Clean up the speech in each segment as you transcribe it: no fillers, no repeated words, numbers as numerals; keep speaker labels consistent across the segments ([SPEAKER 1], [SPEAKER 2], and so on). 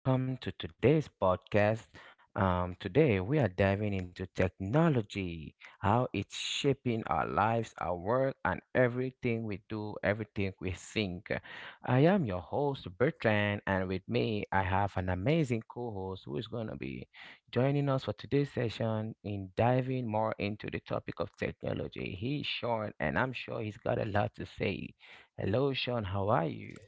[SPEAKER 1] Welcome to today's podcast. Today, we are diving into technology, how it's shaping our lives, our work, and everything we do, everything we think. I am your host, Bertrand, and with me, I have an amazing co host who is going to be joining us for today's session in diving more into the topic of technology. He's Sean, and I'm sure he's got a lot to say. Hello, Sean. How are you?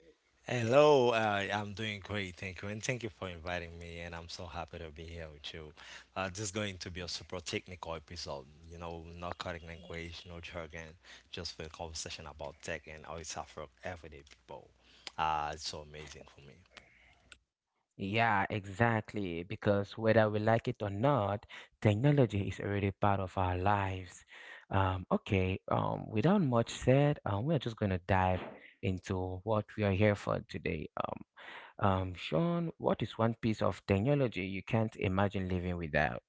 [SPEAKER 1] Yeah, exactly. Because whether we like it or not, technology is already part of our lives. Okay, without much said, we're just going to dive into what we are here for today. Sean, what is one piece of technology you can't imagine living without?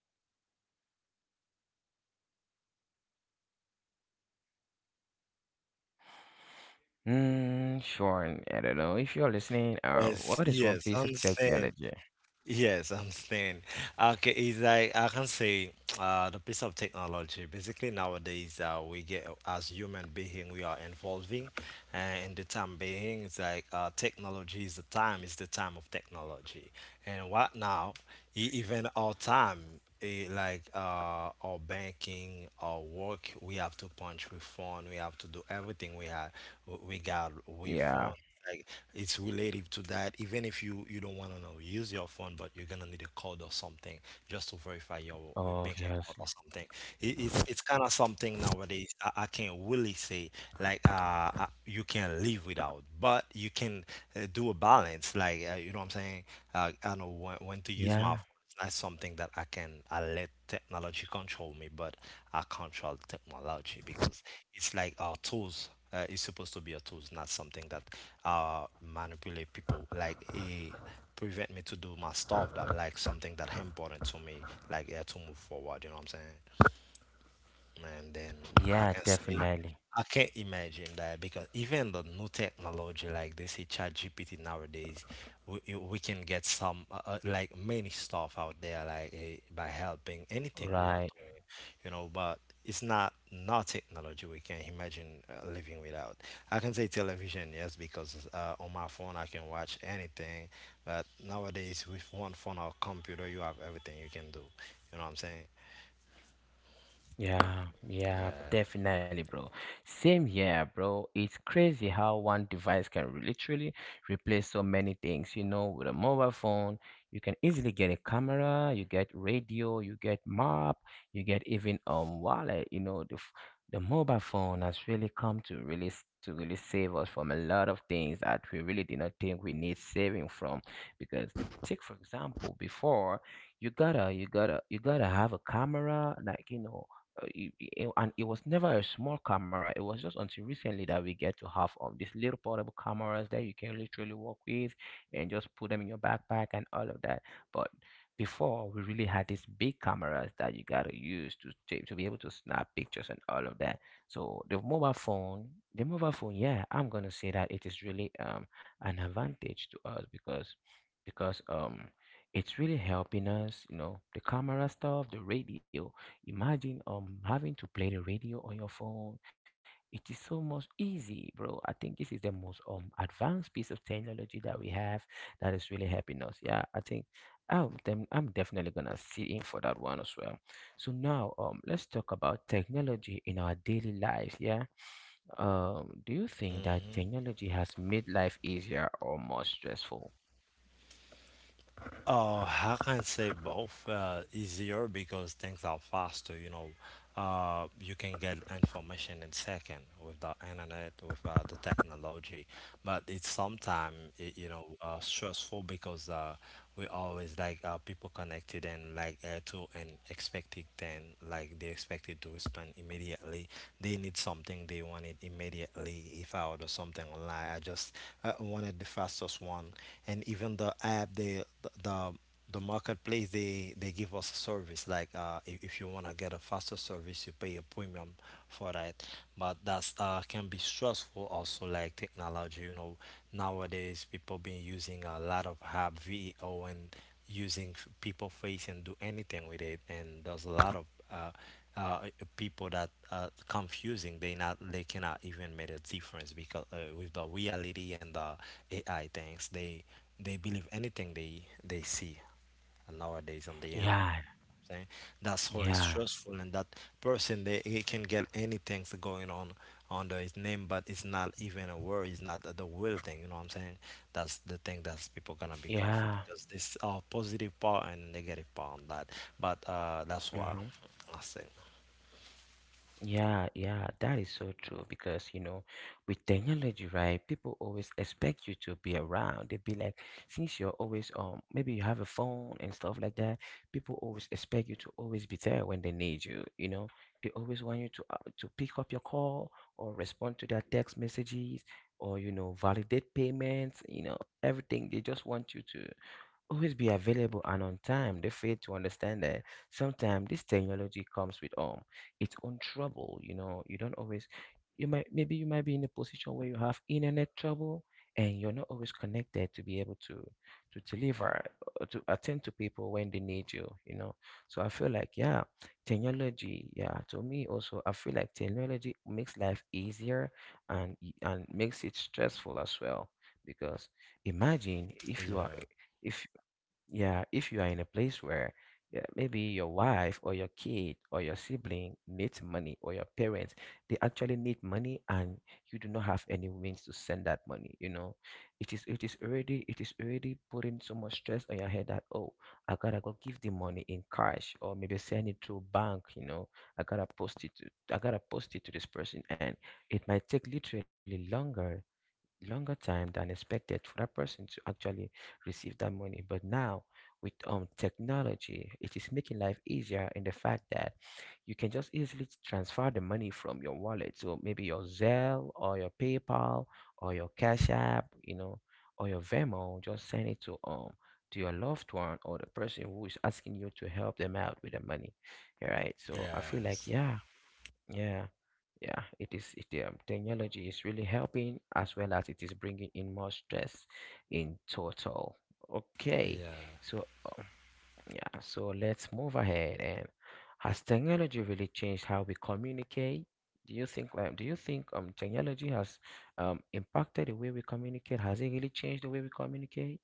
[SPEAKER 1] Hmm, Sean, I don't know. If you're listening, what is one piece of technology? Yeah, obviously. Yeah, yeah, definitely. Right. Yeah, yeah, definitely, bro. Same here, bro. It's crazy how one device can literally replace so many things. You know, with a mobile phone, you can easily get a camera, you get radio, you get map, you get even wallet. You know, the mobile phone has really come to really to really save us from a lot of things that we really did not think we need saving from. Because take for example, before you gotta have a camera, like, you know, and it was never a small camera. It was just until recently that we get to have these little portable cameras that you can literally walk with and just put them in your backpack and all of that. But before we really had these big cameras that you gotta use to to be able to snap pictures and all of that. So the mobile phone, yeah, I'm gonna say that it is really an advantage to us because it's really helping us, you know, the camera stuff, the radio. Imagine having to play the radio on your phone. It is so much easy, bro. I think this is the most advanced piece of technology that we have that is really helping us. Yeah, I think I'm definitely gonna sit in for that one as well. So now let's talk about technology in our daily life. Yeah. Do you think that technology has made life easier or more stressful? Yeah, yeah, yeah. Mm-hmm. Yeah, yeah, that is so true because, you know, with technology, right? People always expect you to be around. They'd be like, since you're always maybe you have a phone and stuff like that. People always expect you to always be there when they need you. You know, they always want you to pick up your call or respond to their text messages or, you know, validate payments. You know, everything. They just want you to always be available and on time. They fail to understand that sometimes this technology comes with its own trouble. You know, you don't always you might maybe you might be in a position where you have internet trouble and you're not always connected to be able to deliver to attend to people when they need you, you know. So I feel like, yeah, technology, yeah, to me also, I feel like technology makes life easier and makes it stressful as well. Because imagine if you are if yeah, if you are in a place where yeah, maybe your wife or your kid or your sibling needs money or your parents, they actually need money and you do not have any means to send that money, you know. It is already putting so much stress on your head that, oh, I gotta go give the money in cash or maybe send it through bank, you know. I gotta post it to I gotta post it to this person and it might take literally longer time than expected for that person to actually receive that money. But now with technology, it is making life easier, in the fact that you can just easily transfer the money from your wallet to maybe your Zelle or your PayPal or your Cash App, you know, or your Venmo. Just send it to your loved one or the person who is asking you to help them out with the money. All right. So I feel like, yeah, yeah, yeah, it is. Technology is really helping as well as it is bringing in more stress in total. Okay, so um, yeah, so let's move ahead. And has technology really changed how we communicate? Do you think? Do you think technology has impacted the way we communicate? Has it really changed the way we communicate?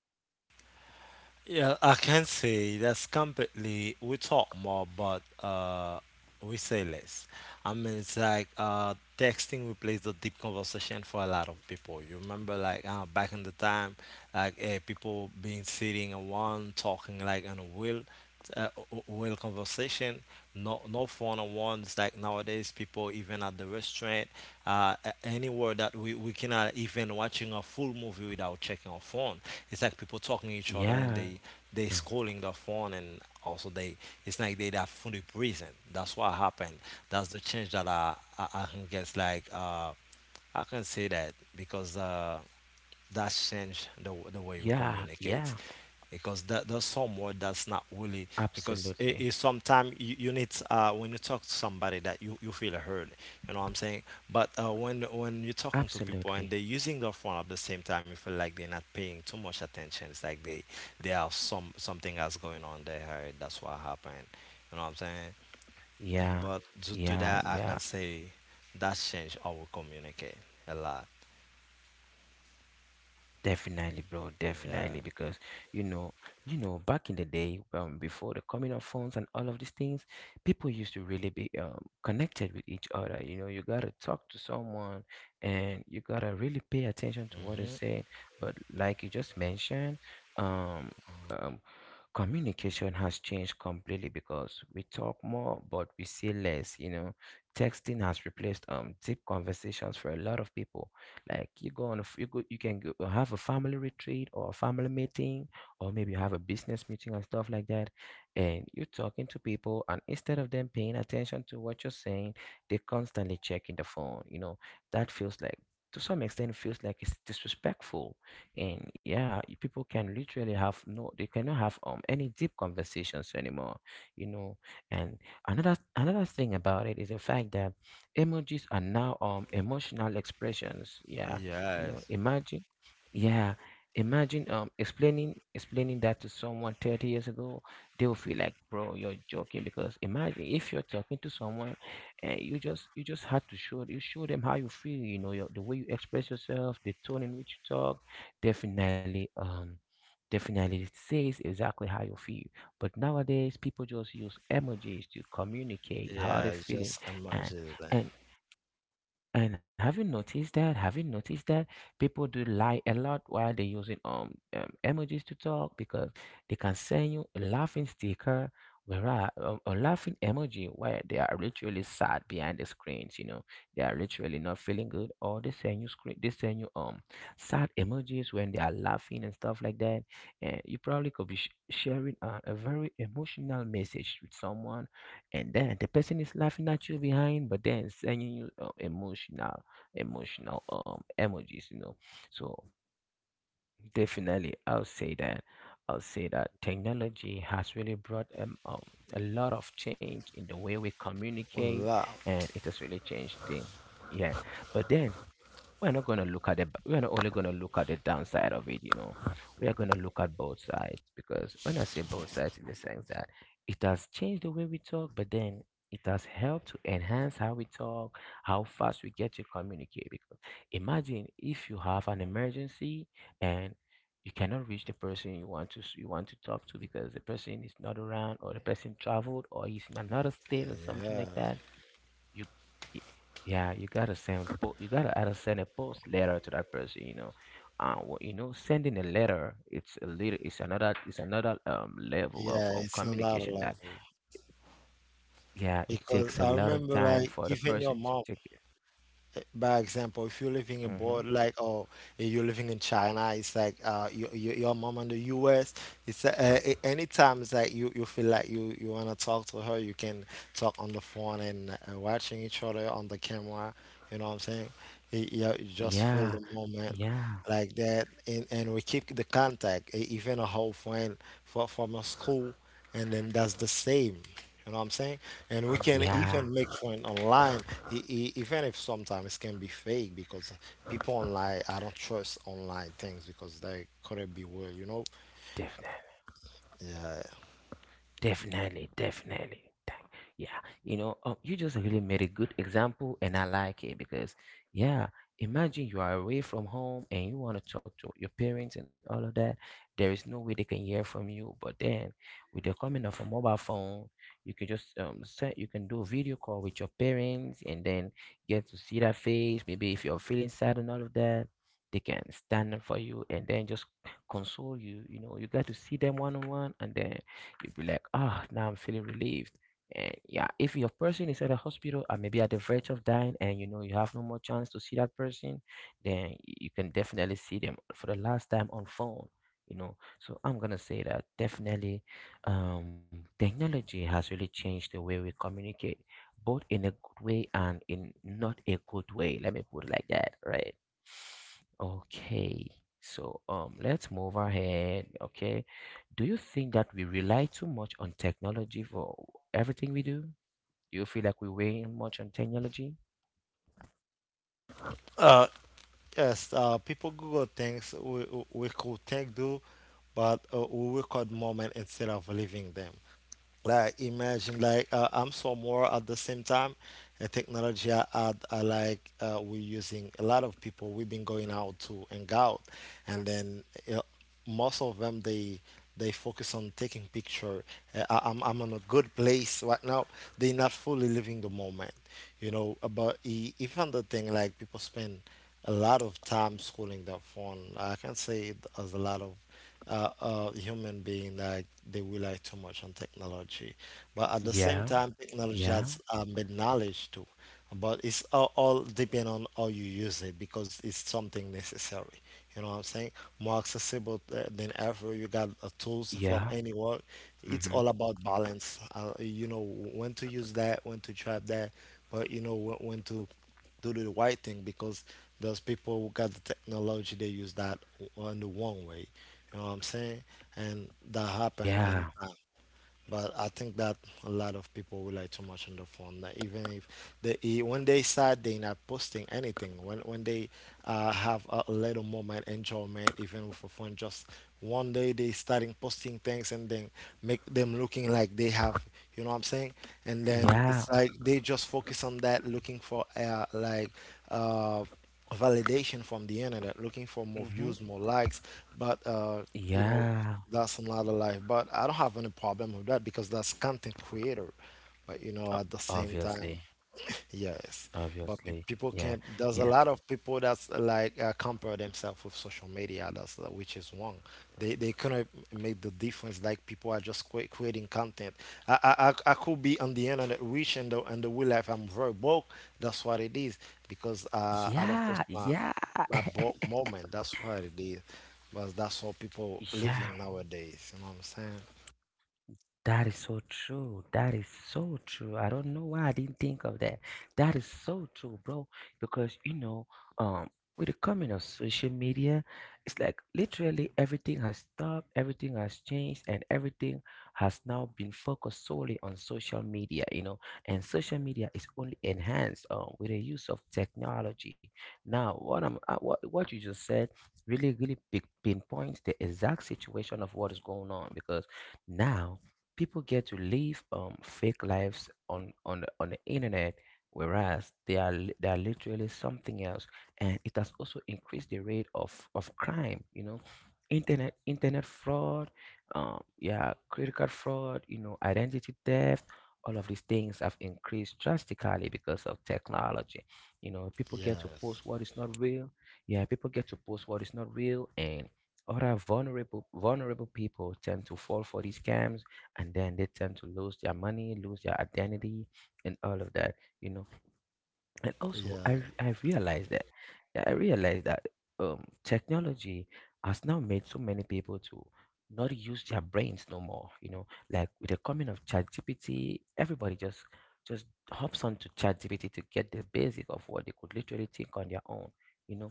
[SPEAKER 1] Yeah, yeah, yeah. Absolutely, absolutely. Yeah, yeah, yeah. Definitely, bro. Definitely, because you know, you know, back in the day, before the coming of phones and all of these things, people used to really be connected with each other. You know, you gotta talk to someone, and you gotta really pay attention to what is said. But like you just mentioned, um, um, communication has changed completely because we talk more, but we say less. You know, texting has replaced deep conversations for a lot of people. Like, you go on, a f- you go, you can go have a family retreat or a family meeting, or maybe you have a business meeting and stuff like that, and you're talking to people, and instead of them paying attention to what you're saying, they're constantly checking the phone. You know, that feels like, to some extent, it feels like it's disrespectful, and yeah, people can literally have no, they cannot have any deep conversations anymore. You know, and another thing about it is the fact that emojis are now emotional expressions, yeah, you know. Imagine, yeah, imagine explaining that to someone 30 years ago. They'll feel like, bro, you're joking. Because imagine if you're talking to someone and you just had to show you show them how you feel. You know, your, the way you express yourself, the tone in which you talk definitely definitely says exactly how you feel. But nowadays people just use emojis to communicate how they're feeling. And and and have you noticed that? Have you noticed that people do lie a lot while they're using emojis to talk, because they can send you a laughing sticker, whereas a laughing emoji, where they are literally sad behind the screens. You know, they are literally not feeling good, or they send you sad emojis when they are laughing and stuff like that. And you probably could be sharing a very emotional message with someone, and then the person is laughing at you behind but then sending you emotional emotional emojis, you know. So definitely, I'll say that technology has really brought a lot of change in the way we communicate and it has really changed things, yeah. But then, we're not only going to look at the downside of it, you know. We are going to look at both sides, because when I say both sides in the sense that it has changed the way we talk, but then it has helped to enhance how we talk, how fast we get to communicate. Because imagine if you have an emergency and you cannot reach the person you want to talk to because the person is not around or the person traveled or is in another state or something like that. you y- yeah, you gotta either send a post letter to that person, you know. You know, sending a letter, it's a little, it's another level of communication that, yeah, it takes a lot of time for the person to take it. Hmm. Yeah, yeah, yeah. Definitely. Definitely, definitely. Thank- Yeah, you know, you just really made a good example, and I like it because, yeah, imagine you are away from home and you want to talk to your parents and all of that. There is no way they can hear from you, but then with the coming of a mobile phone, you can just you can do a video call with your parents and then get to see their face. Maybe if you're feeling sad and all of that, they can stand up for you and then just console you. You know, you got to see them one on one, and then you'd be like, ah, now I'm feeling relieved. And yeah, if your person is at a hospital and maybe at the verge of dying and you know you have no more chance to see that person, then you can definitely see them for the last time on phone, So I'm gonna say that definitely technology has really changed the way we communicate, both in a good way and in not a good way. Let me put it like that, right? Okay. So let's move ahead. Okay. Do you think that we rely too much on technology for everything we do? Do you feel like we weigh in much on technology? Yeah, yeah, yeah, mm-hmm. Yeah, yeah, mm-hmm. Yeah. O- Obviously, obviously, yeah, yeah, yeah, yeah, yeah. That is so true. That is so true. I don't know why I didn't think of that. That is so true, bro. Because um, with the coming of social media, it's like literally everything has stopped, everything has changed, and everything has now been focused solely on social media, you know. And social media is only enhanced with the use of technology. Now, what I'm what you just said really pinpoints the exact situation of what is going on because now people get to live fake lives on the internet whereas they are literally something else, and it has also increased the rate of crime, you know, internet fraud, yeah, credit card fraud, you know, identity theft, all of these things have increased drastically because of technology. You know, people get to post what is not real. Yeah, people get to post what is not real, and other vulnerable people tend to fall for these scams, and then they tend to lose their money, lose their identity, and all of that, you know. And also I realized that, yeah, I realized that technology has now made so many people to not use their brains no more, you know, like with the coming of ChatGPT, everybody just hops onto ChatGPT to get the basic of what they could literally think on their own, you know.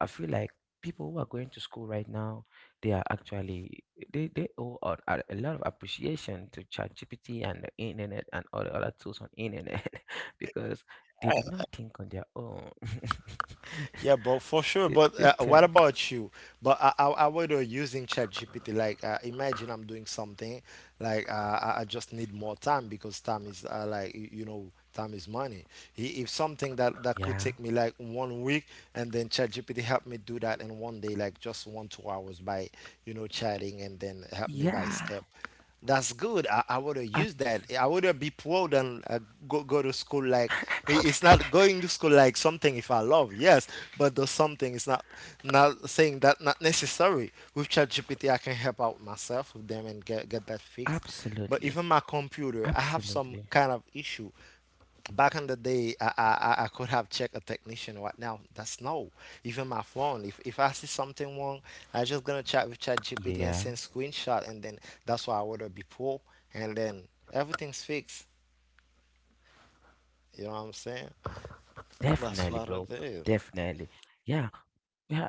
[SPEAKER 1] I feel like people who are going to school right now, they are actually they owe a lot of appreciation to ChatGPT and the internet and all the other tools on internet, because they do not think on their own. They, they tend. Yeah. Yeah. Abs- absolutely. Absolutely. Yeah. Definitely, bro. Definitely. Yeah. Yeah.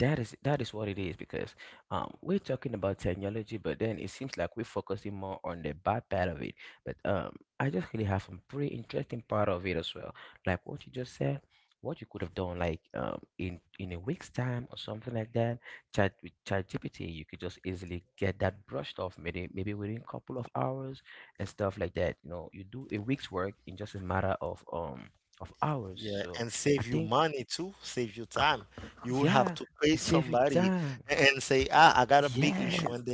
[SPEAKER 1] That is what it is because, we're talking about technology, but then it seems like we're focusing more on the bad part of it. But I just really have some pretty interesting part of it as well, like what you just said, what you could have done, like in a week's time or something like that. Chat with ChatGPT, you could just easily get that brushed off, maybe within a couple of hours and stuff like that. You know, you do a week's work in just a matter of of hours. So I think, yeah, it saves you time. Yes,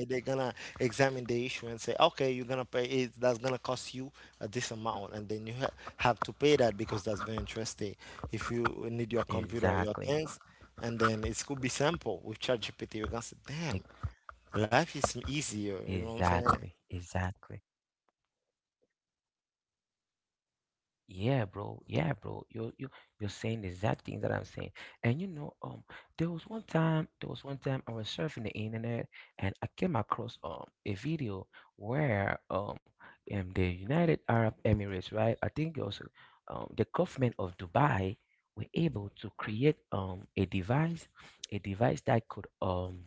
[SPEAKER 1] exactly. Like, exactly, exactly. Yeah, bro. Yeah, bro. You're saying the exact thing that I'm saying. And you know, there was one time, there was one time I was surfing the internet, and I came across a video where in the United Arab Emirates, right? I think it was the government of Dubai were able to create a device that could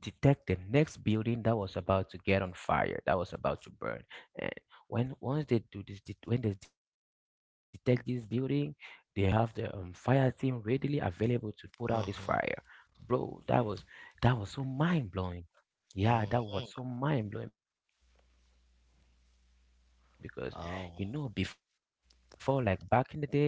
[SPEAKER 1] detect the next building that was about to get on fire, that was about to burn. And when once they do this, when they detect this building, they have the fire team readily available to put out this fire. Bro, that was so mind blowing. Yeah, that was so mind blowing because, you know, before, like back in the day, you never know what building is gonna get on fire. You know, so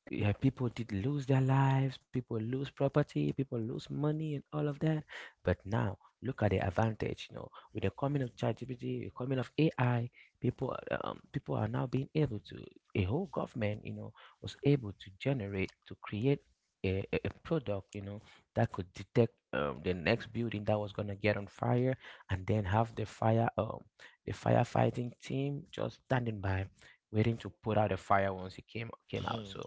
[SPEAKER 1] peop yeah, people did lose their lives, people lose property, people lose money, and all of that. But now, look at the advantage. You know, with the coming of ChatGPT, the coming of AI, people are now being able to. A whole government, you know, was able to generate to create a product, you know, that could detect the next building that was gonna get on fire, and then have the fire the firefighting team just standing by waiting to put out the fire once it came out. So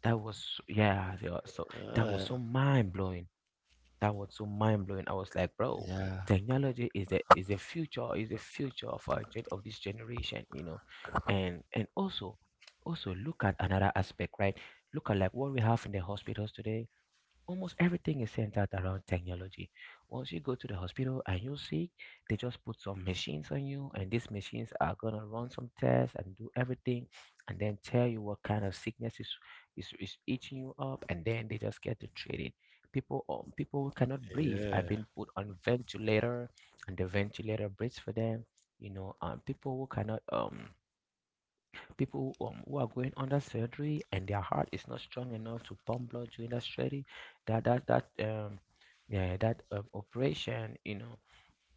[SPEAKER 1] yeah, they are so, that was so mind blowing. That was so mind blowing. I was like, bro, technology is the future, is the future of of this generation, you know. And also, also look at another aspect, right? Look at like what we have in the hospitals today, almost everything is centered around technology. Once you go to the hospital and you're sick, they just put some machines on you, and these machines are gonna run some tests and do everything, and then tell you what kind of sickness is eating you up, and then they just get to treat it. People who cannot breathe have been put on ventilator, and the ventilator breathes for them. You know, people who cannot people who are going under surgery and their heart is not strong enough to pump blood during that surgery, that yeah, that operation, you know,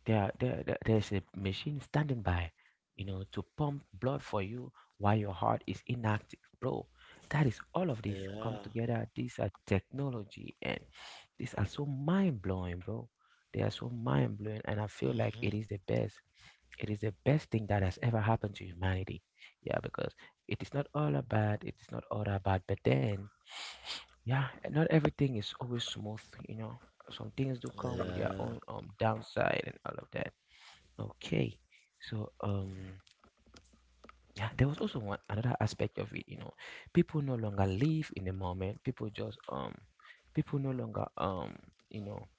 [SPEAKER 1] there's a machine standing by, you know, to pump blood for you while your heart is inactive, bro. That is, all of this come together, these are technology, and these are so mind-blowing, bro. They are so mind-blowing, and I feel like it is the best, it is the best thing that has ever happened to humanity. Yeah, because it is not all about, but then, yeah, not everything is always smooth, you know. Some things do come with their own downside and all of that. Okay, so yeah, there was also one another aspect of it. You know, people no longer live in the moment. People no longer you know,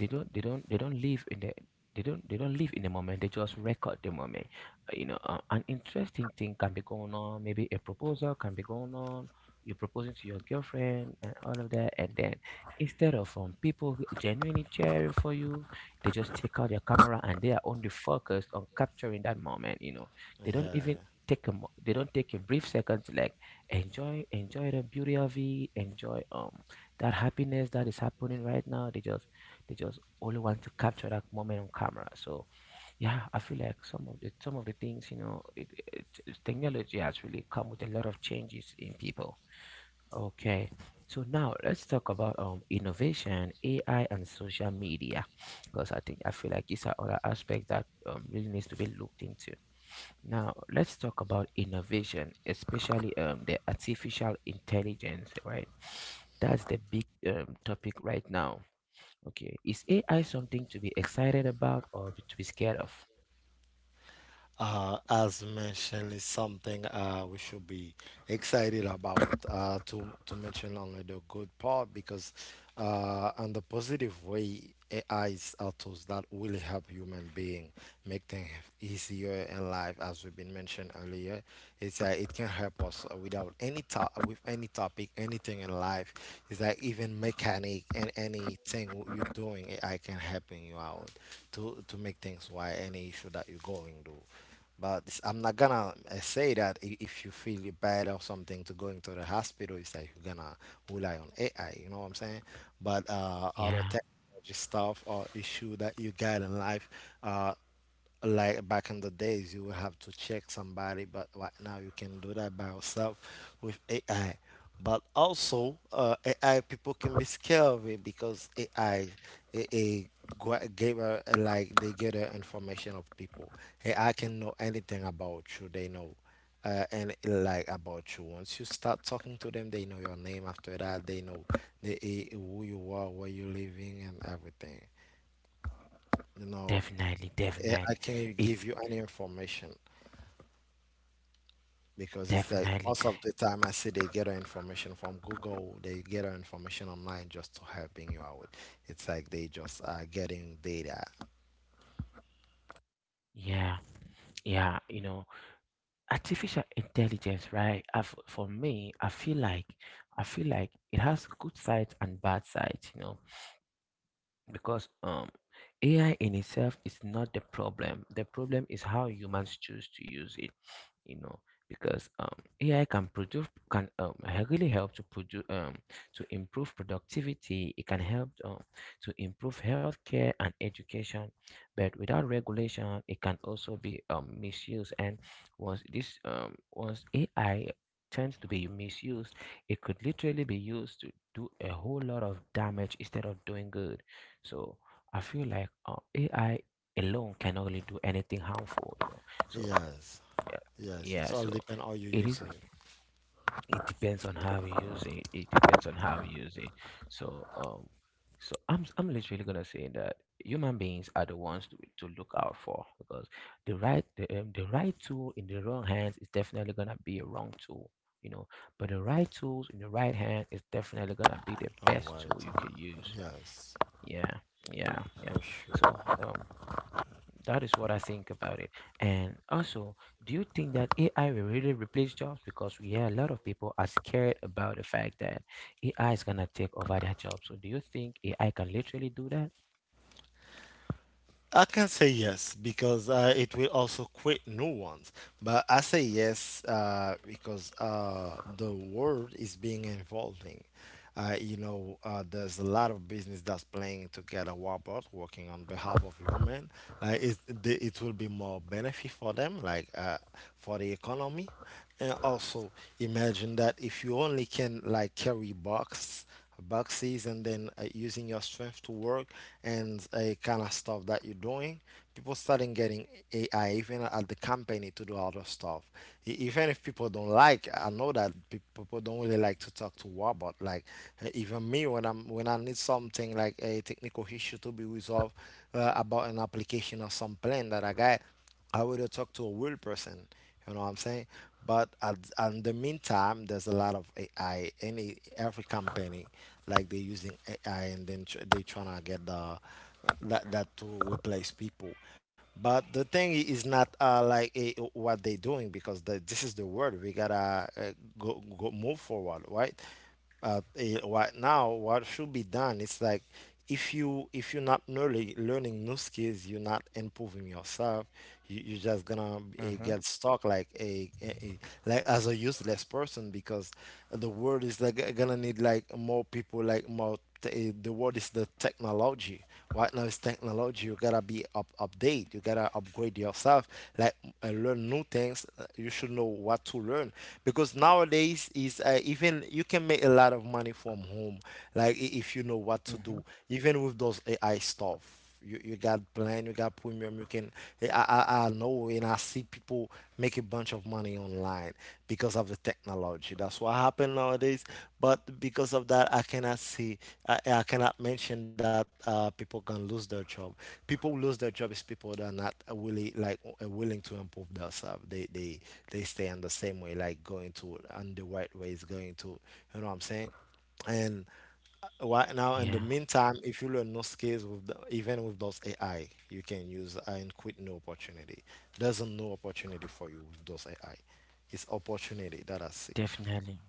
[SPEAKER 1] they don't they don't they don't live in the they don't live in the moment, they just record the moment. You know, an interesting thing can be going on, maybe a proposal can be going on, you're proposing to your girlfriend and all of that, and then instead of people genuinely cheering for you, they just take out their camera and they are only focused on capturing that moment, you know. They don't even they don't take a brief second to like enjoy the beauty of it, enjoy that happiness that is happening right now, they just only want to capture that moment on camera. So yeah, I feel like some of the things, you know, technology has really come with a lot of changes in people. Okay, so now let's talk about innovation, AI, and social media because I feel like these are other aspects that really needs to be looked into. Now let's talk about innovation, especially the artificial intelligence, right? That's the big topic right now. Okay, is AI something to be excited about or to be scared of? Yeah, definitely, definitely. It's definitely, yeah, yeah. You know, artificial intelligence, right? I f for me, I feel like it has good sides and bad sides. You know, because AI in itself is not the problem. The problem is how humans choose to use it. You know, because AI can really help to produce to improve productivity. It can help to improve healthcare and education, but without regulation, it can also be misused. And once this once AI turns to be misused, it could literally be used to do a whole lot of damage instead of doing good. So I feel like AI alone cannot really do anything harmful, you know. So yeah, yeah. So it is. It depends on how you use it. It depends on how you use it. So so I'm literally gonna say that human beings are the ones to look out for because the right the right tool in the wrong hands is definitely gonna be a wrong tool. You know, but the right tools in the right hand is definitely gonna be the best tool you can use. Yeah, yeah, yeah. So that is what I think about it. And also, do you think that AI will really replace jobs? Because we hear a lot of people are scared about the fact that AI is gonna take over their jobs. So do you think AI can literally do that? Mm-hmm. Mm-hmm. Yeah, definitely,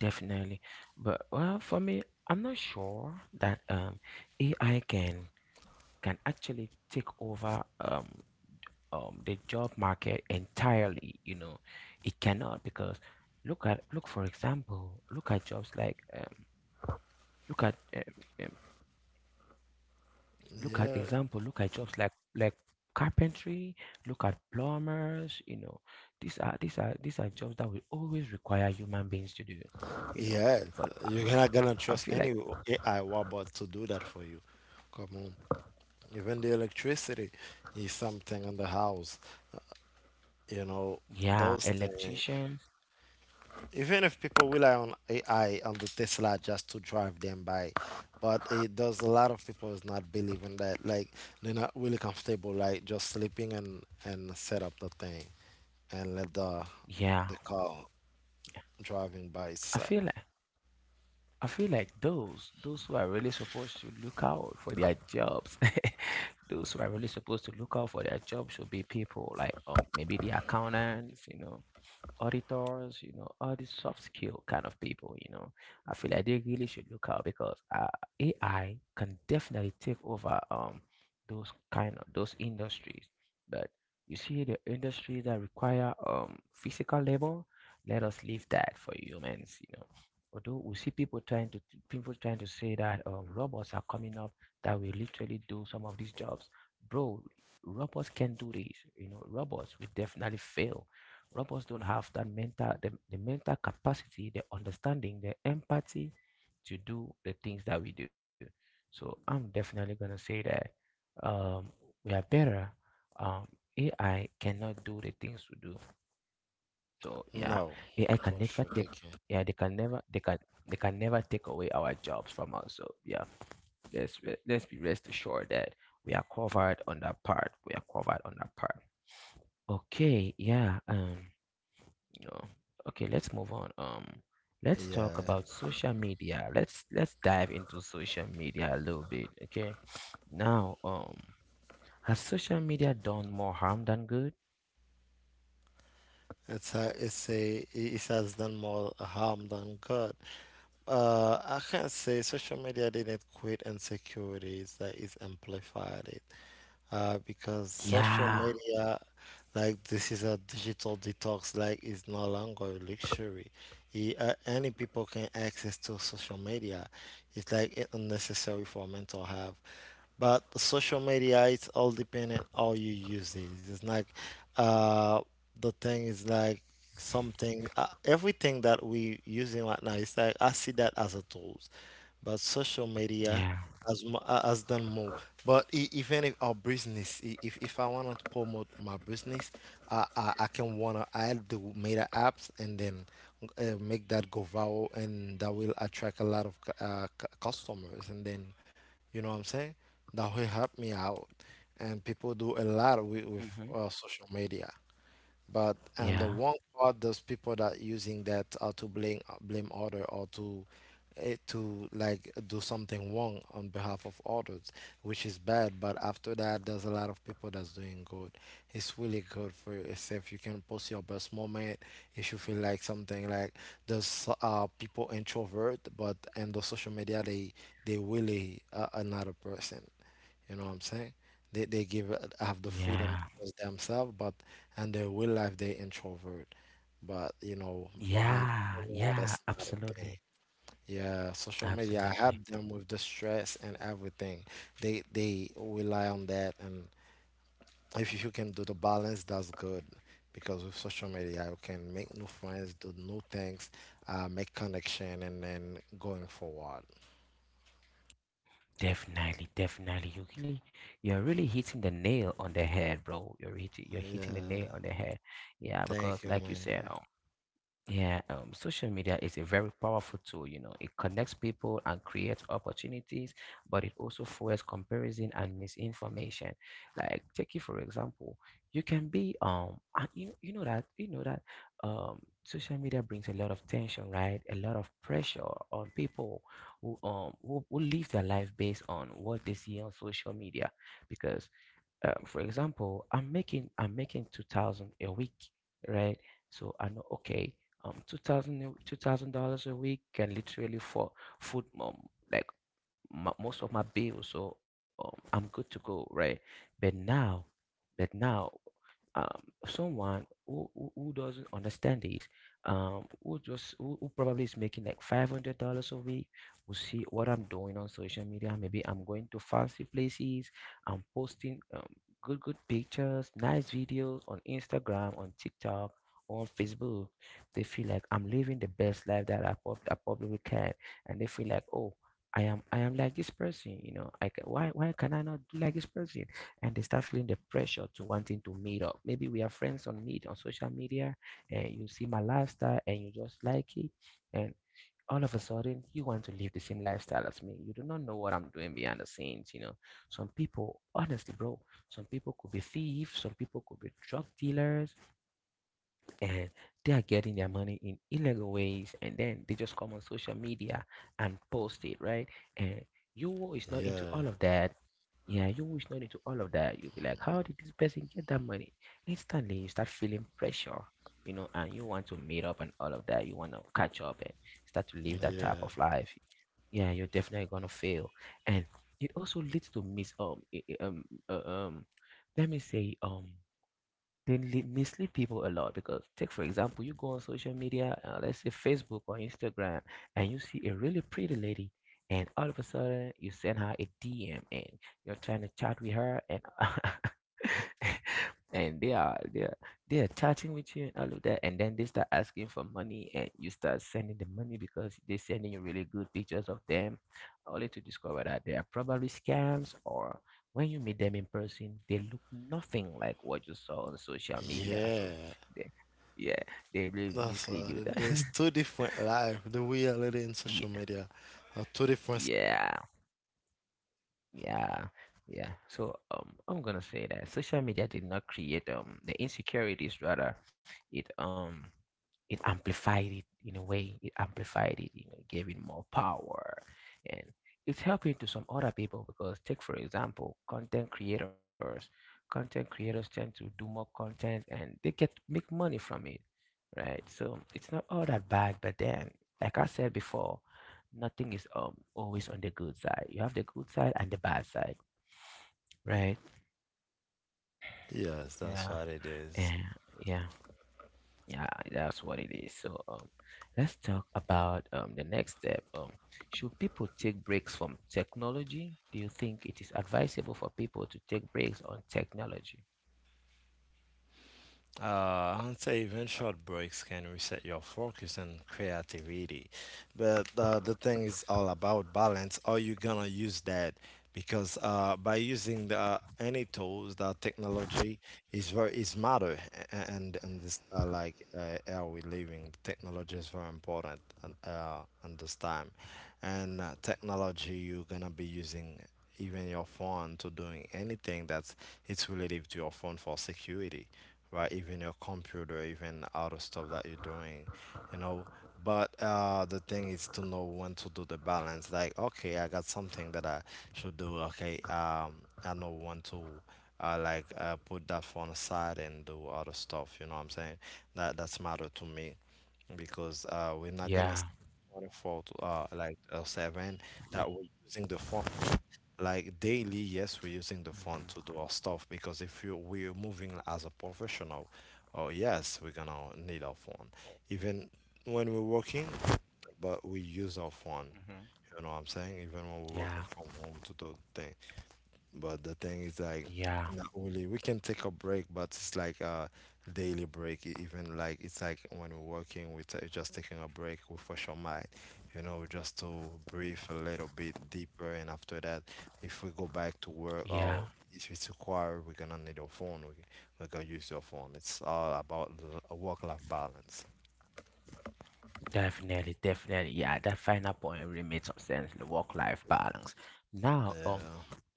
[SPEAKER 1] definitely. But well, for me, I'm not sure that AI can actually take over. The job market entirely. It cannot because look for example, look at jobs like, look at um, um, look at example, look at jobs like, carpentry. Look at plumbers. These are jobs that will always require human beings to do you know but I feel like, yeah, electricians. Yeah, i feel like I feel like those who are really supposed to look out for their jobs, those who are really supposed to look out for their jobs should be people like, maybe, the accountants, auditors, all these soft skill kind of people. I feel like they really should look out because AI can definitely take over those kind of those industries. But you see, the industries that require physical labor, let us leave that for humans. Although we see people trying to say that, robots are coming up that will literally do some of these jobs, bro. Robots can do this. Robots will definitely fail. Robots don't have the mental capacity, the understanding, the empathy to do the things that we do. So I'm definitely going to say that, um, we are better. Um, AI cannot do the things we do. So, yeah, ai can never take yeah, they can never take away our jobs from us. So, yeah, let's be rest assured that we are covered on that part, we are covered on that part. Okay, yeah, no. Okay, let's move on. Let's talk about social media. Let's dive into social media a little bit. Okay. Now, has social media done more harm than good? Yeah. Yeah. Hmm. Yeah. Yeah. Yeah. Yeah. Absolutely. Absolutely. Definitely. Definitely. You're really hitting the nail on the head, bro. You're hitting the nail on the head. Yeah, because like you said, yeah, social media is a very powerful tool. You know, it connects people and creates opportunities, but it also fuels comparison and misinformation. Like, take it for example. You can be and You know that, social media brings a lot of tension, right? A lot of pressure on people who live their life based on what they see on social media, because for example, I'm making 2000 a week, right? So I know, okay, 2000 2000 dollars a week can literally for food, like most of my bills, so I'm good to go, right? But now but now, someone who doesn't understand this, who just, who probably is making like $500 a week, will see what I'm doing on social media. Maybe I'm going to fancy places, I'm posting, um, good pictures, nice videos on Instagram, on TikTok, on Facebook. They feel like I'm living the best life that I probably can, and they feel like, oh, I am like this person. I ca- why can I not do like this person? And they start feeling the pressure to wanting to meet up. Maybe we are friends on social media, and you see my lifestyle and you just like it, and all of a sudden you want to live the same lifestyle as me. You do not know what I'm doing behind the scenes. Some people, honestly, bro, some people could be thieves, some people could be drug dealers, and they are getting their money in illegal ways and then they just come on social media and post it, right? And you is not into all of that. Yeah, you is not into all of that. You'll be like, how did this person get that money? Instantly you start feeling pressure, and you want to meet up, and all of that, you want to catch up and start to live that type of life. Yeah, you're definitely gonna fail. And it also leads to let me say mislead people a lot, because take for example, you go on social media, let's say Facebook or Instagram, and you see a really pretty lady, and all of a sudden you send her a DM, and you're trying to chat with her, and and they are chatting with you and all of that, and then they start asking for money, and you start sending them money because they're sending you really good pictures of them, only to discover that they are probably scams, or when you meet them in person, they look nothing like what you saw on social media. So, they, yeah, they really mislead you. That Yeah, yeah, yeah, yeah. So, I'm gonna say that social media did not create the insecurities, rather, it um it amplified it, in a way it amplified it, gave it more power. And it's helping to some other people, because take for example, Content creators tend to do more content, and they get make money from it, right? So it's not all that bad. But then, like I said before, nothing is always on the good side. You have the good side and the bad side, right? Yeah. And, yeah. Yeah, that's what it is. So, let's talk about, the next step. Should people take breaks from technology? Do you think it is advisable for people to take breaks on technology? Yeah. Hmm. Hmm. Yeah. Yeah. Yeah. Definitely, definitely. Yeah, that final point really made some sense. The work-life balance. Now,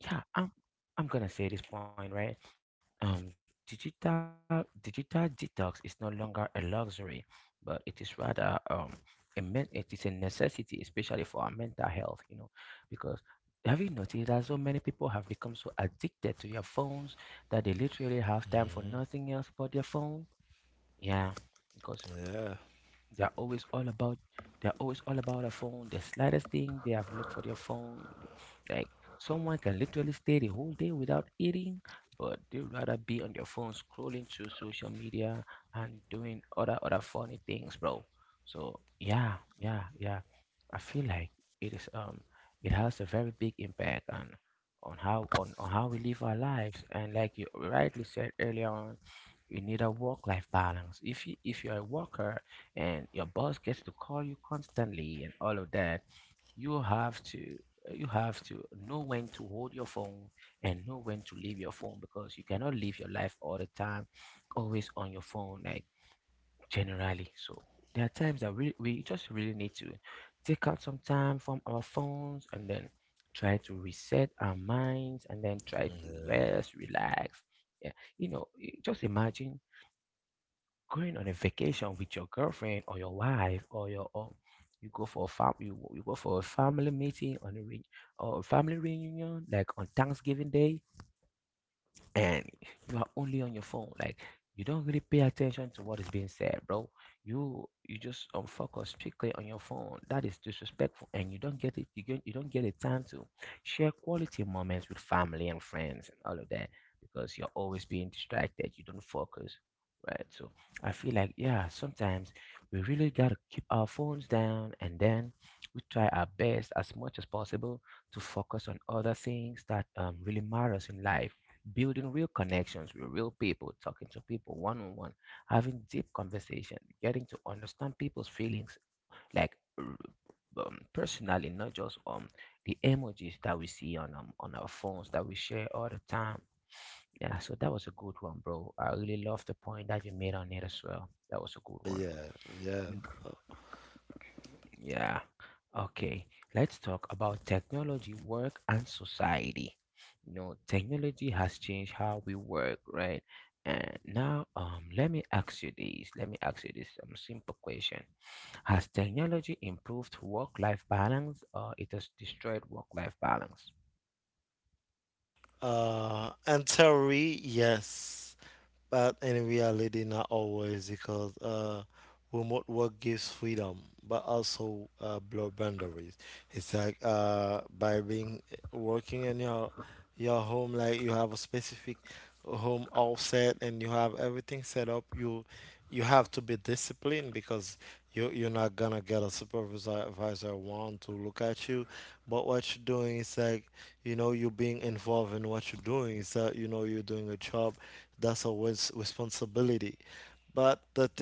[SPEAKER 1] yeah, I'm gonna say this point, right? Digital detox is no longer a luxury, but it is rather, it is a necessity, especially for our mental health, because have you noticed that so many people have become so addicted to their phones that they literally have time for nothing else but their phone? Yeah, because they're always all about they're always all about a phone. The slightest thing, they have looked for their phone. Like, someone can literally stay the whole day without eating, but they'd rather be on their phone scrolling through social media and doing other funny things, bro. So yeah, yeah, yeah. I feel like it is um it has a very big impact on how we live our lives. And like you rightly said earlier on, you need a work life balance. If you're a worker and your boss gets to call you constantly and all of that, you have to you have to know when to hold your phone and know when to leave your phone, because you cannot live your life all the time always on your phone like, generally. So there are times that we just really need to take out some time from our phones and then try to reset our minds and then try to rest relax. Yeah. You know, just imagine going on a vacation with your girlfriend or your wife, or you go for a fam you go for a family meeting on or a family reunion like on Thanksgiving Day, and you are only on your phone. Like, you don't really pay attention to what is being said, bro. You just focus strictly on your phone. That is disrespectful, and you don't get it. You don't get the time to share quality moments with family and friends and all of that, because you're always being distracted. You don't focus, right? So I feel like, yeah, sometimes we really gotta keep our phones down, and then we try our best as much as possible to focus on other things that, really matters in life: building real connections with real people, talking to people one on one, having deep conversation, getting to understand people's feelings, like, personally, not just the emojis that we see on on our phones that we share all the time. Yeah, so that was a good one, bro. I really love the point that you made on it as well. That was a good one. Mm. Yeah. Okay, let's talk about technology, work, and society. You know, technology has changed how we work, right? And now, let me ask you this. Let me ask you this simple question: has technology improved work-life balance, or it has destroyed work-life balance?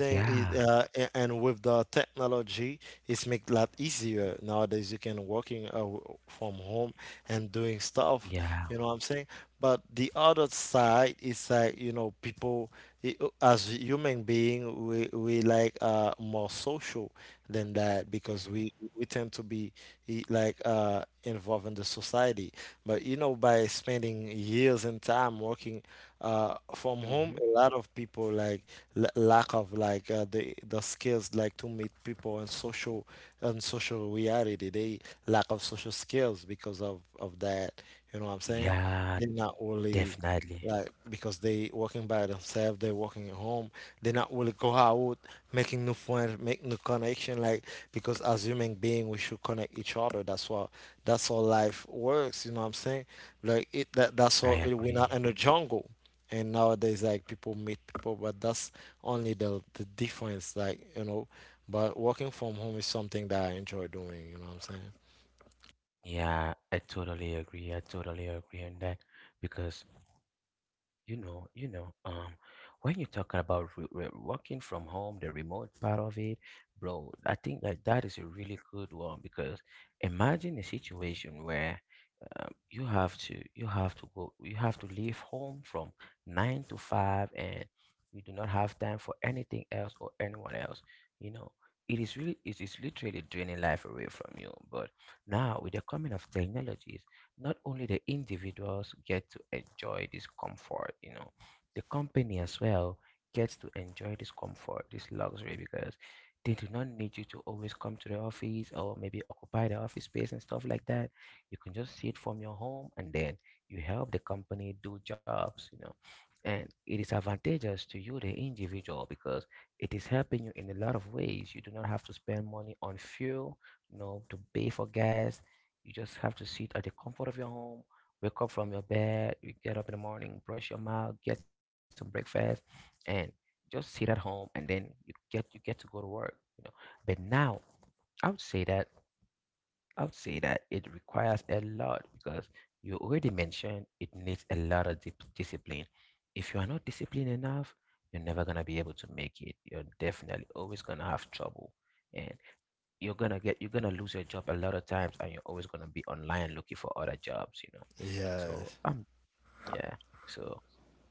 [SPEAKER 1] Yeah, yeah, hmm, hmm, yeah, definitely. I agree. Yeah, I totally agree. I totally agree on that because you know, when you are talking about re re working from home, the remote part of it, bro, I think that that is a really good one because imagine a situation where you have to go you have to leave home from 9 to 5 and you do not have time for anything else or anyone else. You know, it is literally draining life away from you. But now with the coming of technologies, not only the individuals get to enjoy this comfort, you know, the company as well gets to enjoy this comfort, this luxury, because they do not need you to always come to the office or maybe occupy the office space and stuff like that. You can just see it from your home, and then you help the company do jobs, you know. And it is advantageous to you, the individual, because it is helping you in a lot of ways. You do not have to spend money on fuel, you know, to pay for gas, you just have to sit at the comfort of your home, wake up from your bed, you get up in the morning, brush your mouth, get some breakfast, and just sit at home, and then you get to go to work. You know, but now I would say that I would say that it requires a lot because you already mentioned it needs a lot of discipline. If you are not disciplined enough, you're never gonna be able to make it. You're definitely always gonna have trouble. And you're gonna lose your job a lot of times, and you're always gonna be online looking for other jobs, you know, so yeah, so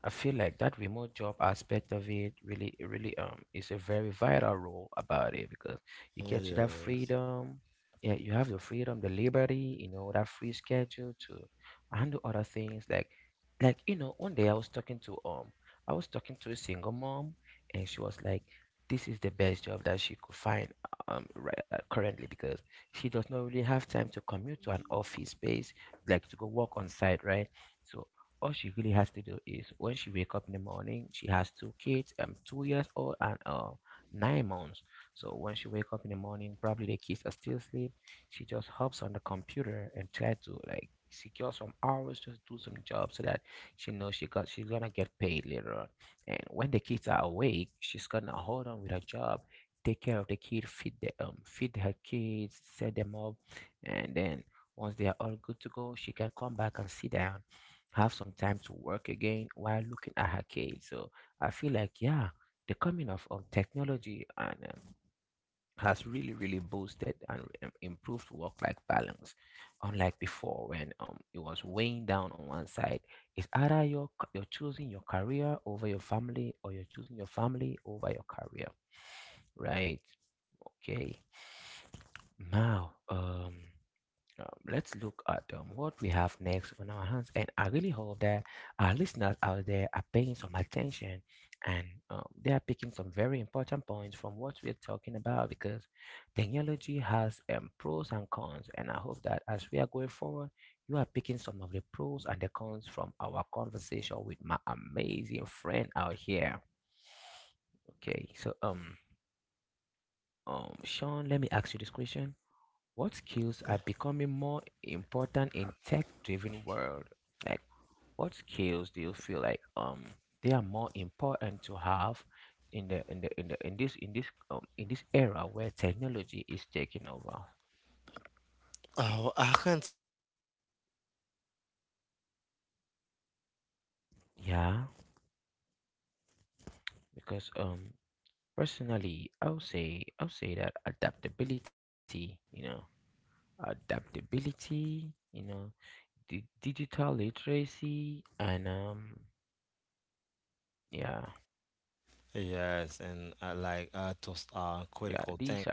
[SPEAKER 1] I feel like that remote job aspect of it really, really is a very vital role about it because it gets you that freedom. Yeah, you have the freedom, the liberty, you know, that free schedule to handle other things. Like you know, one day I was talking to I was talking to a single mom, and she was like, "This is the best job that she could find right currently because she does not really have time to commute to an office space, like to go work on site, right?" So all she really has to do is when she wake up in the morning she has two kids, 2 years old and 9 months, so when she wake up in the morning probably the kids are still asleep, she just hops on the computer and try to like secure some hours, just do some jobs so that she knows she got she's gonna get paid later on. And when the kids are awake, she's gonna hold on with her job, take care of the kid, feed the feed her kids, set them up, and then once they are all good to go she can come back and sit down, have some time to work again while looking at her kids. So I feel like, yeah, the coming of technology and has really, really boosted and improved work-life balance. Unlike before, when it was weighing down on one side, it's either you're, you're choosing your career over your family, or you're choosing your family over your career, right? Okay. Now, um, let's look at what we have next on our hands. And I really hope that our listeners out there are paying some attention, and they are picking some very important points from what we're talking about because technology has pros and cons. And I hope that as we are going forward, you are picking some of the pros and the cons from our conversation with my amazing friend out here. Okay, so Sean, let me ask you this question. What skills are becoming more important in tech-driven world? Like, what skills do you feel like they are more important to have in the in the in the in this in this in this era where technology is taking over? Yeah, because personally, I would say that adaptability, you know, digital literacy, and yeah,
[SPEAKER 2] Yes, and those
[SPEAKER 1] yeah,
[SPEAKER 2] are
[SPEAKER 1] these are
[SPEAKER 2] critical things
[SPEAKER 1] really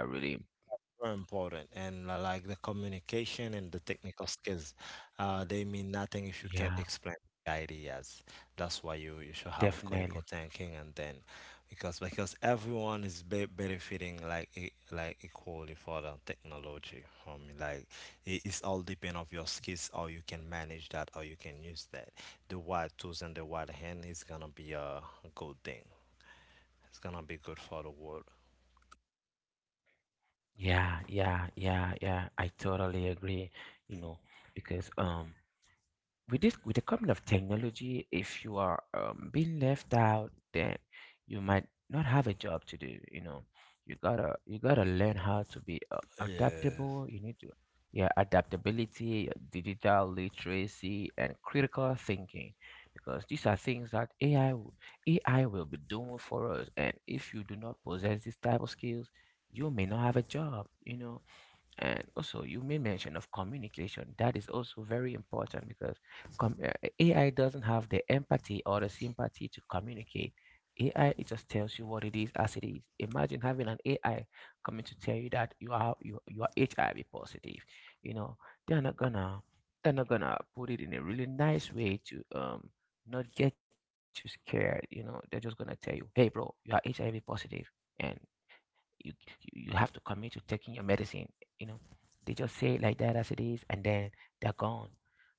[SPEAKER 2] are important, and like the communication and the technical skills, they mean nothing if you
[SPEAKER 1] yeah.
[SPEAKER 2] can't explain the ideas. That's why you should have a
[SPEAKER 1] Definitely.
[SPEAKER 2] critical thinking, and then because everyone is be benefiting like equally for the technology. I mean, like it is all depend of your skills, how you can manage that, how you can use that. The right tools and the right hand is gonna be a good thing. It's gonna be good for the world.
[SPEAKER 1] Yeah, I totally agree, you know, because with this, with the coming of technology, if you are being left out, then you might not have a job to do, you know, you gotta learn how to be
[SPEAKER 2] Yeah.
[SPEAKER 1] adaptable. You need to, yeah, adaptability, digital literacy, and critical thinking, because these are things that AI will, AI will be doing for us, and if you do not possess these type of skills you may not have a job, you know. And also, you made mention of communication. That is also very important because com- uh, AI doesn't have the empathy or the sympathy to communicate. AI it just tells you what it is as it is. Imagine having an AI coming to tell you that you are HIV positive. You know they're not gonna they're not gonna put it in a really nice way to not get you scared. You know they're just gonna tell you, hey bro, you are HIV positive, and you you have to commit to taking your medicine, you know, they just say it like that as it is, and then they're gone.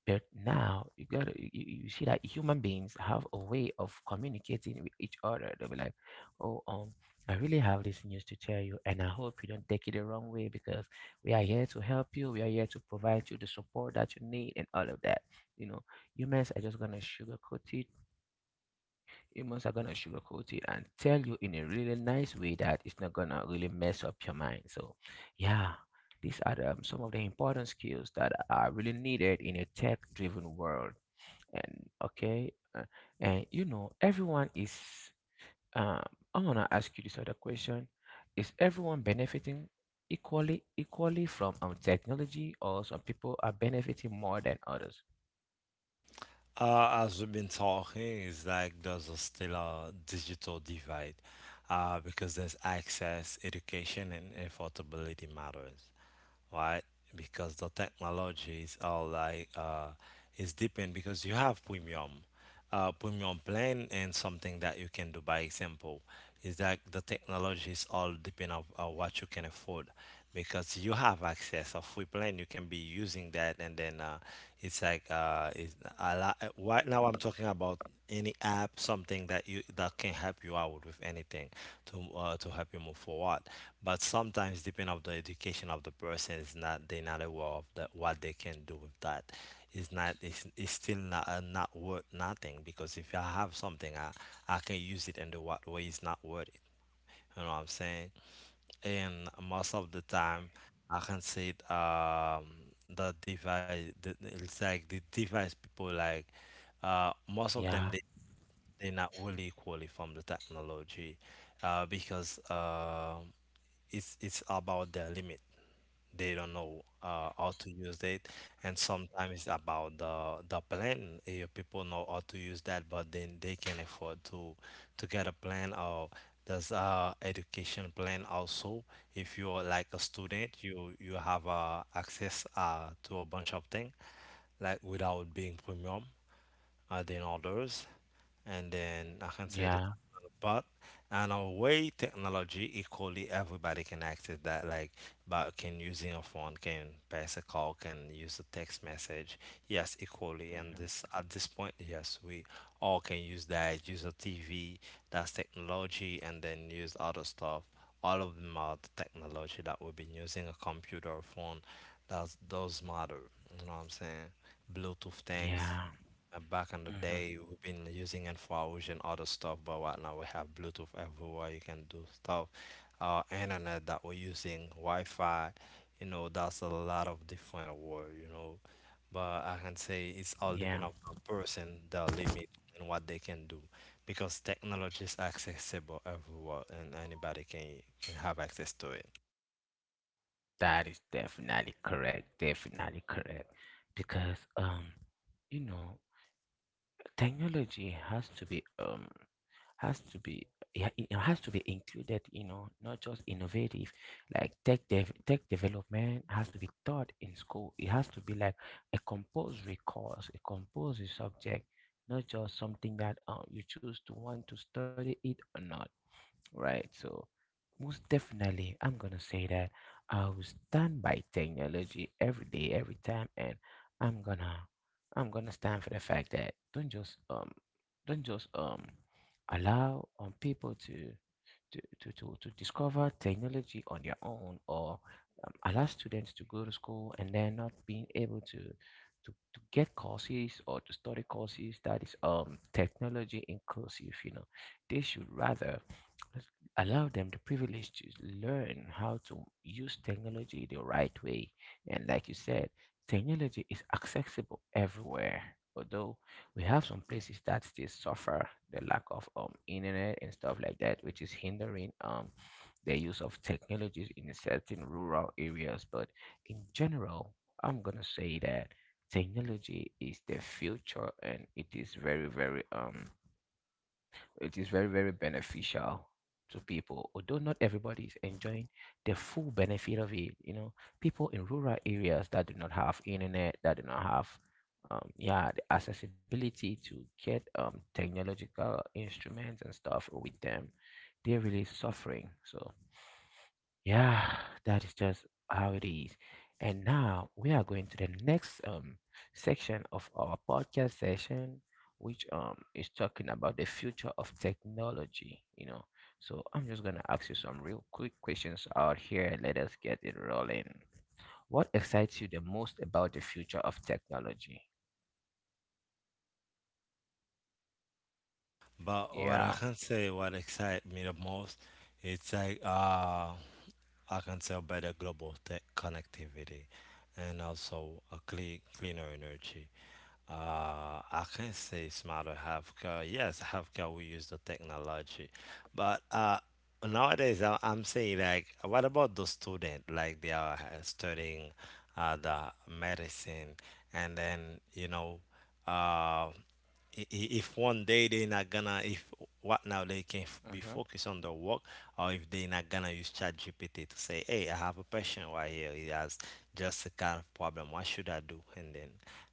[SPEAKER 1] But now you gotta you see that human beings have a way of communicating with each other. They'll be like, oh um I really have this news to tell you and I hope you don't take it the wrong way because we are here to help you, we are here to provide you the support that you need and all of that, you know, humans are just gonna sugarcoat it. Humans are gonna sugarcoat it and tell you in a really nice way that it's not gonna really mess up your mind. So, yeah, these are the, some of the important skills that are really needed in a tech-driven world. And okay, and you know, everyone is. Um, I'm gonna ask you this other question: is everyone benefiting equally from technology, or some people are benefiting more than others?
[SPEAKER 2] As we've been talking, it's like there's a still a digital divide because there's access, education, and affordability matters, right? Because the technology is all like is depend because you have premium plan, and something that you can do by example is that the technology is all depend on what you can afford because you have access of free plan you can be using that and then it's like it's a lot. Right now, I'm talking about any app, something that you that can help you out with anything to help you move forward. But sometimes, depending of the education of the person, is not they're not aware of that what they can do with that. It's still not not worth nothing because if I have something, I can use it in the what way is not worth it. You know what I'm saying? And most of the time I can see it, the it's like the device people like most of
[SPEAKER 1] Yeah,
[SPEAKER 2] them they're not really equally from the technology because it's about their limit, they don't know how to use it, and sometimes it's about the plan if people know how to use that but then they can afford to get a plan, or there's a education plan also. If you're like a student, you have access to a bunch of things like without being premium than others. And then I can say that,
[SPEAKER 1] yeah,
[SPEAKER 2] but in a way, technology equally everybody can access that. Like, but can using a phone, can pass a call, can use a text message. Yes, equally. And
[SPEAKER 1] hmm,
[SPEAKER 2] this at this point, yes, we all can use that. Use a TV, that's technology, and then use other stuff. All of them are the technology that we've been using a computer, a phone. That's those matter. You know what I'm saying? Bluetooth things.
[SPEAKER 1] yeah,
[SPEAKER 2] Back in the
[SPEAKER 1] hmm,
[SPEAKER 2] day, we've been using infrared and other stuff, but right now we have Bluetooth everywhere. You can do stuff. Our internet that we're using, Wi-Fi, you know, that's a lot of different word, you know. But I can say it's all
[SPEAKER 1] yeah.
[SPEAKER 2] depend of the person, their limit, and what they can do, because technology is accessible everywhere, and anybody can have access to it.
[SPEAKER 1] That is definitely correct. Definitely correct. Because you know, technology has to be has to be, yeah, it has to be included. You know, not just innovative. Like tech development has to be taught in school. It has to be like a compulsory course, a compulsory subject, not just something that you choose to want to study it or not. Right. So most definitely, I'm gonna say that I will stand by technology every day, every time, and I'm gonna I'm gonna stand for the fact that don't just allow people to to discover technology on their own, or allow students to go to school and then not being able to to get courses or to study courses that is technology inclusive, you know, they should rather allow them the privilege to learn how to use technology the right way. And like you said, technology is accessible everywhere. Although we have some places that still suffer the lack of internet and stuff like that, which is hindering the use of technologies in certain rural areas. But in general, I'm gonna say that technology is the future, and it is very, very, it is very, very beneficial to people, although not everybody is enjoying the full benefit of it. You know, people in rural areas that do not have internet, that do not have, yeah, the accessibility to get technological instruments and stuff with them, they're really suffering. So yeah, that is just how it is. And now we are going to the next section of our podcast session, which is talking about the future of technology, you know. So I'm just gonna ask you some real quick questions out here and let us get it rolling. What excites you the most about the future of technology?
[SPEAKER 2] But what I
[SPEAKER 1] Yeah.
[SPEAKER 2] can say, what excites me the most, it's like I can tell better global tech connectivity and also a clean, cleaner energy. I can say smarter healthcare. Yes, healthcare we use the technology, but nowadays I'm saying like, what about the student? Like they are studying the medicine, and then you know, uh if one day they're not gonna if what now they can be
[SPEAKER 1] Mm-hmm.
[SPEAKER 2] focused on the work, or if they're not gonna use chat gpt to say, hey, I have a patient right here, he has just a kind of problem, what should I do, and then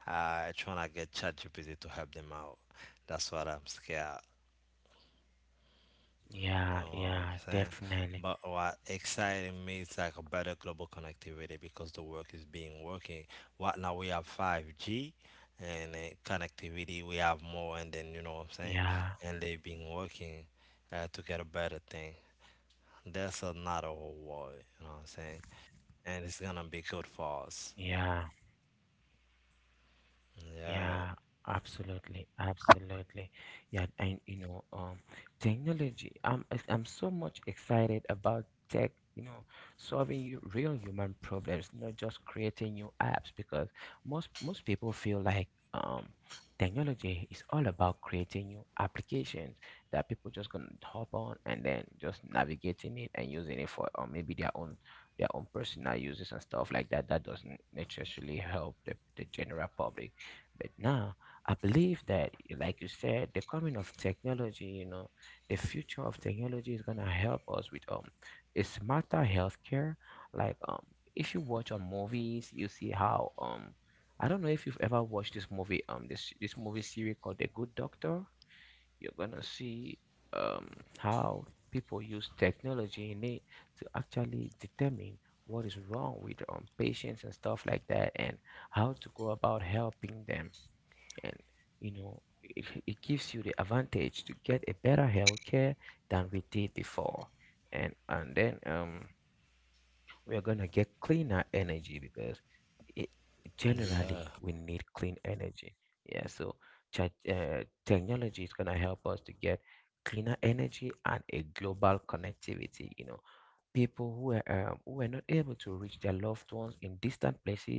[SPEAKER 2] trying to get chat gpt to help them out? That's what I'm scared. You know
[SPEAKER 1] Yeah,
[SPEAKER 2] what I'm
[SPEAKER 1] yeah,
[SPEAKER 2] saying?
[SPEAKER 1] definitely.
[SPEAKER 2] But what exciting me is like a better global connectivity because the work is being working. What now we have 5G and connectivity, we have more, and then you know
[SPEAKER 1] Yeah,
[SPEAKER 2] what I'm saying? And they've been working to get a better thing. That's another whole world, you know what I'm saying? And it's gonna be good for us.
[SPEAKER 1] yeah. Yeah,
[SPEAKER 2] Yeah,
[SPEAKER 1] absolutely, absolutely. Yeah, and you know, technology. I'm so much excited about tech. You know, solving real human problems, not just creating new apps. Because most people feel like um, technology is all about creating new applications that people just gonna hop on and then just navigating it and using it for or maybe their own personal uses and stuff like that that doesn't necessarily help the general public but now I believe that, like you said, the coming of technology, you know, the future of technology is gonna help us with a smarter healthcare. Like if you watch on movies, you see how I don't know if you've ever watched this movie um this movie series called The Good Doctor. You're gonna see um how people use technology in it to actually determine what is wrong with patients and stuff like that and how to go about helping them and it gives you the advantage to get a better health care than we did before and then we are going to get cleaner energy because it, generally we
[SPEAKER 2] yeah,
[SPEAKER 1] need clean energy. Yeah, so technology is going to help us to get cleaner energy and a global connectivity. You know, people who are not able to reach their loved ones in distant places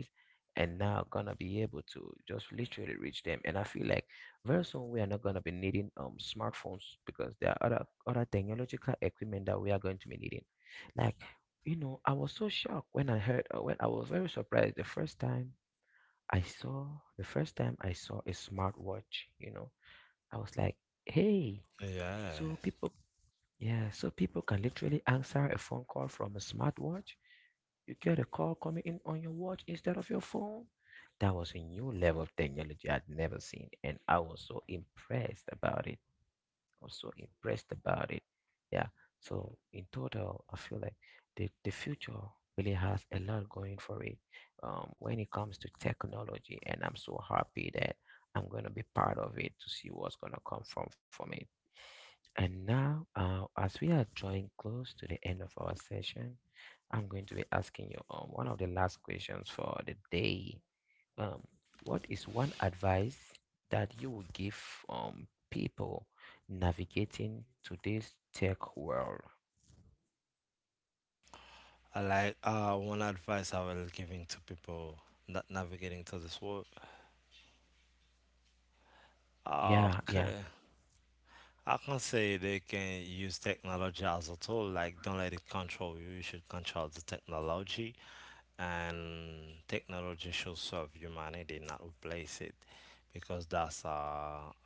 [SPEAKER 1] and now going to be able to just literally reach them. And I feel like very soon we are not going to be needing smartphones because there are other technological equipment that we are going to be needing like you know, I was so shocked when I heard, when I was very surprised I saw, the first time I saw a smartwatch, you know, I was like, hey,
[SPEAKER 2] yeah.
[SPEAKER 1] so people, yeah, so people can literally answer a phone call from a smartwatch. You get a call coming in on your watch instead of your phone. That was a new level of technology I'd never seen, and I was so impressed about it also impressed about it. Yeah. So in total, I feel like the future really has a lot going for it when it comes to technology, and I'm so happy that I'm going to be part of it to see what's going to come from it. And now, as we are drawing close to the end of our session, I'm going to be asking you one of the last questions for the day. Um, what is one advice that you would give people navigating today's tech world?
[SPEAKER 2] I like one advice I will giving to people not navigating to this world.
[SPEAKER 1] Yeah, yeah.
[SPEAKER 2] Okay. I can say they can use technology as a tool. Like, don't let it control you. You should control the technology, and technology should serve humanity, not replace it, because that's a,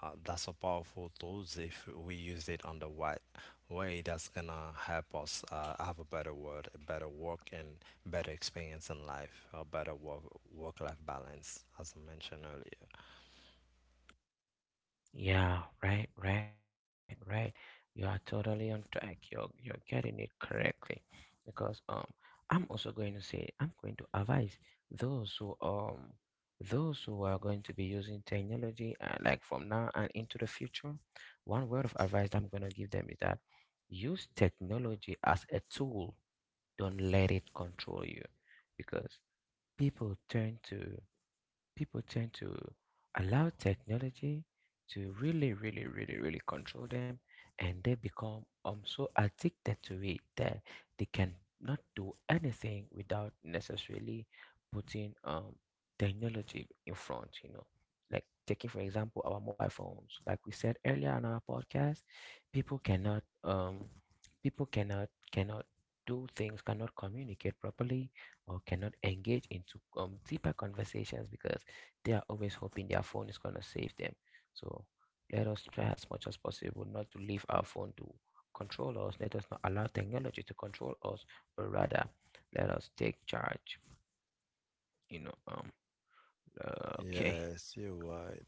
[SPEAKER 2] a that's a powerful tool. If we use it on the right way, that's gonna help us have a better world, a better work, and better experience in life, a better work life balance, as I mentioned earlier.
[SPEAKER 1] Yeah, right, right, right. You are totally on track. You're getting it correctly, because I'm also going to say I'm going to advise those who um those who are going to be using technology like from now and into the future. One word of advice I'm going to give them is that use technology as a tool. Don't let it control you, because people turn to people tend to allow technology to really, really, really, really control them, and they become so addicted to it that they can not do anything without necessarily putting technology in front. You know, like taking for example our mobile phones, like we said earlier on our podcast, people cannot um people cannot do things cannot communicate properly or cannot engage into deeper conversations because they are always hoping their phone is going to save them. So let us try as much as possible not to leave our phone to control us. Let us not allow technology to control us, but rather let us take charge. You know, okay,
[SPEAKER 2] Yes, you're right.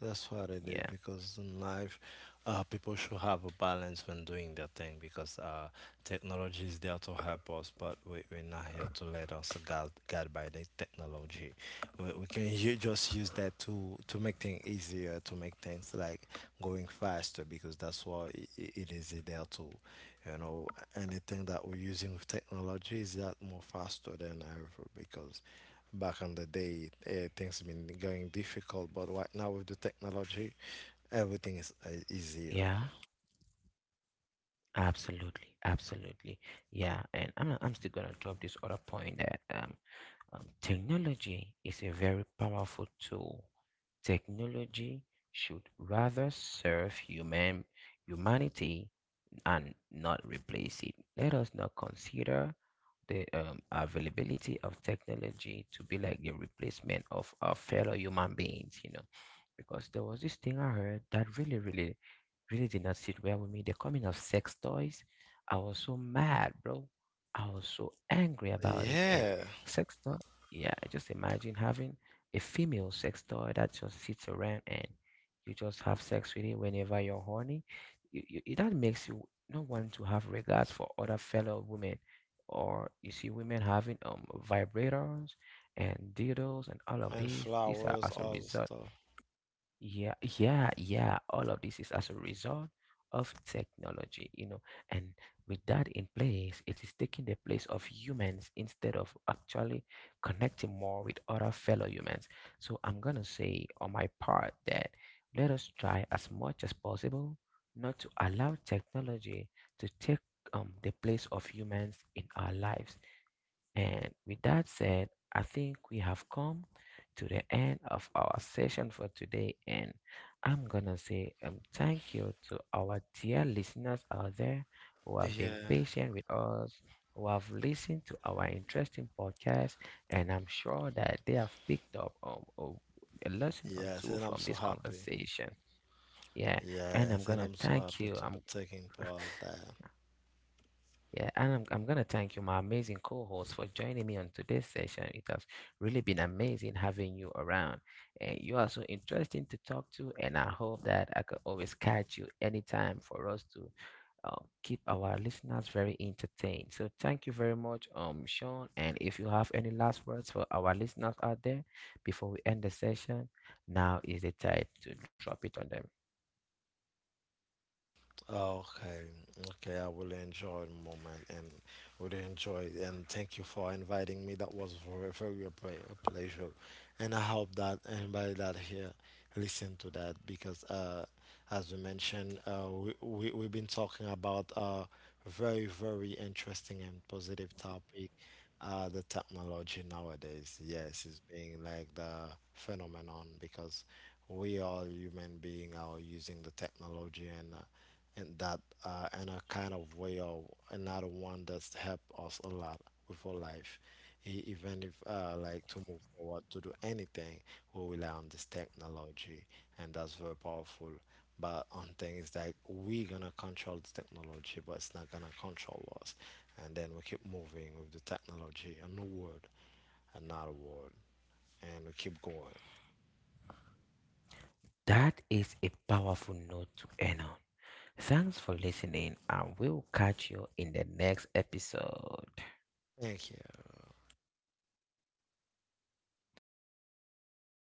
[SPEAKER 2] That's what it is
[SPEAKER 1] yeah,
[SPEAKER 2] because in life, people should have a balance when doing their thing because technology is there to help us, but we're not here to let us guide by the technology. We can just use that to make things easier, to make things like going faster because that's what it is there to. You know, anything that we're using with technology is that more faster than ever because back in the day, things been going difficult, but right now with the technology, everything is easier.
[SPEAKER 1] yeah, absolutely, absolutely, yeah. And I'm still gonna drop this other point that technology is a very powerful tool. Technology should rather serve humanity and not replace it. Let us not consider the availability of technology to be like the replacement of our fellow human beings, you know, because there was this thing I heard that really, really really did not sit well with me. The coming of sex toys, I was so mad, bro. I was so angry about it. And
[SPEAKER 2] Yeah,
[SPEAKER 1] sex toy, yeah, just imagine having a female sex toy that just sits around and you just have sex with it whenever you're horny. It- that makes you not want to have regards for other fellow women. Or you see women having vibrators and dildos and all of
[SPEAKER 2] and
[SPEAKER 1] these. These are
[SPEAKER 2] flowers,
[SPEAKER 1] as a
[SPEAKER 2] all the
[SPEAKER 1] result.
[SPEAKER 2] stuff.
[SPEAKER 1] Yeah, yeah, yeah. All of this is as a result of technology, you know. And with that in place, it is taking the place of humans instead of actually connecting more with other fellow humans. So I'm gonna say on my part that let us try as much as possible not to allow technology to take the place of humans in our lives. And with that said, I think we have come to the end of our session for today. And I'm going to say thank you to our dear listeners out there who have been
[SPEAKER 2] Yeah.
[SPEAKER 1] patient with us, who have listened to our interesting podcast. And I'm sure that they have picked up a lesson or
[SPEAKER 2] Yes,
[SPEAKER 1] two
[SPEAKER 2] and I'm
[SPEAKER 1] from
[SPEAKER 2] so
[SPEAKER 1] this
[SPEAKER 2] happy.
[SPEAKER 1] conversation. Yeah. And I'm
[SPEAKER 2] Yes,
[SPEAKER 1] going
[SPEAKER 2] and
[SPEAKER 1] to
[SPEAKER 2] I'm so
[SPEAKER 1] thank
[SPEAKER 2] happy
[SPEAKER 1] you.
[SPEAKER 2] to be
[SPEAKER 1] I'm
[SPEAKER 2] taking part there.
[SPEAKER 1] Yeah, and I'm going to thank you, my amazing co host, for joining me on today's session. It has really been amazing having you around. And you are so interesting to talk to. And I hope that I could always catch you anytime for us to keep our listeners very entertained. So thank you very much, Sean. And if you have any last words for our listeners out there before we end the session, now is the time to drop it on them.
[SPEAKER 2] Okay, okay, I will enjoy the moment and will enjoy it. And thank you for inviting me. That was very, very a pleasure. And I hope that anybody that here listen to that because as we mentioned, we've been talking about a very, very interesting and positive topic, the technology nowadays. Yes, it's being like the phenomenon because we all human being are using the technology and that in a kind of way or another one that's helped us a lot with our life. Even if like to move forward to do anything, we rely on this technology, and that's very powerful but on things that we're gonna control the technology, but it's not gonna control us. And then we keep moving with the technology, a new world, another world, and we keep going.
[SPEAKER 1] That is a powerful note to end on. Thanks for listening, and we'll catch you in the next episode.
[SPEAKER 2] Thank you.
[SPEAKER 1] Okay,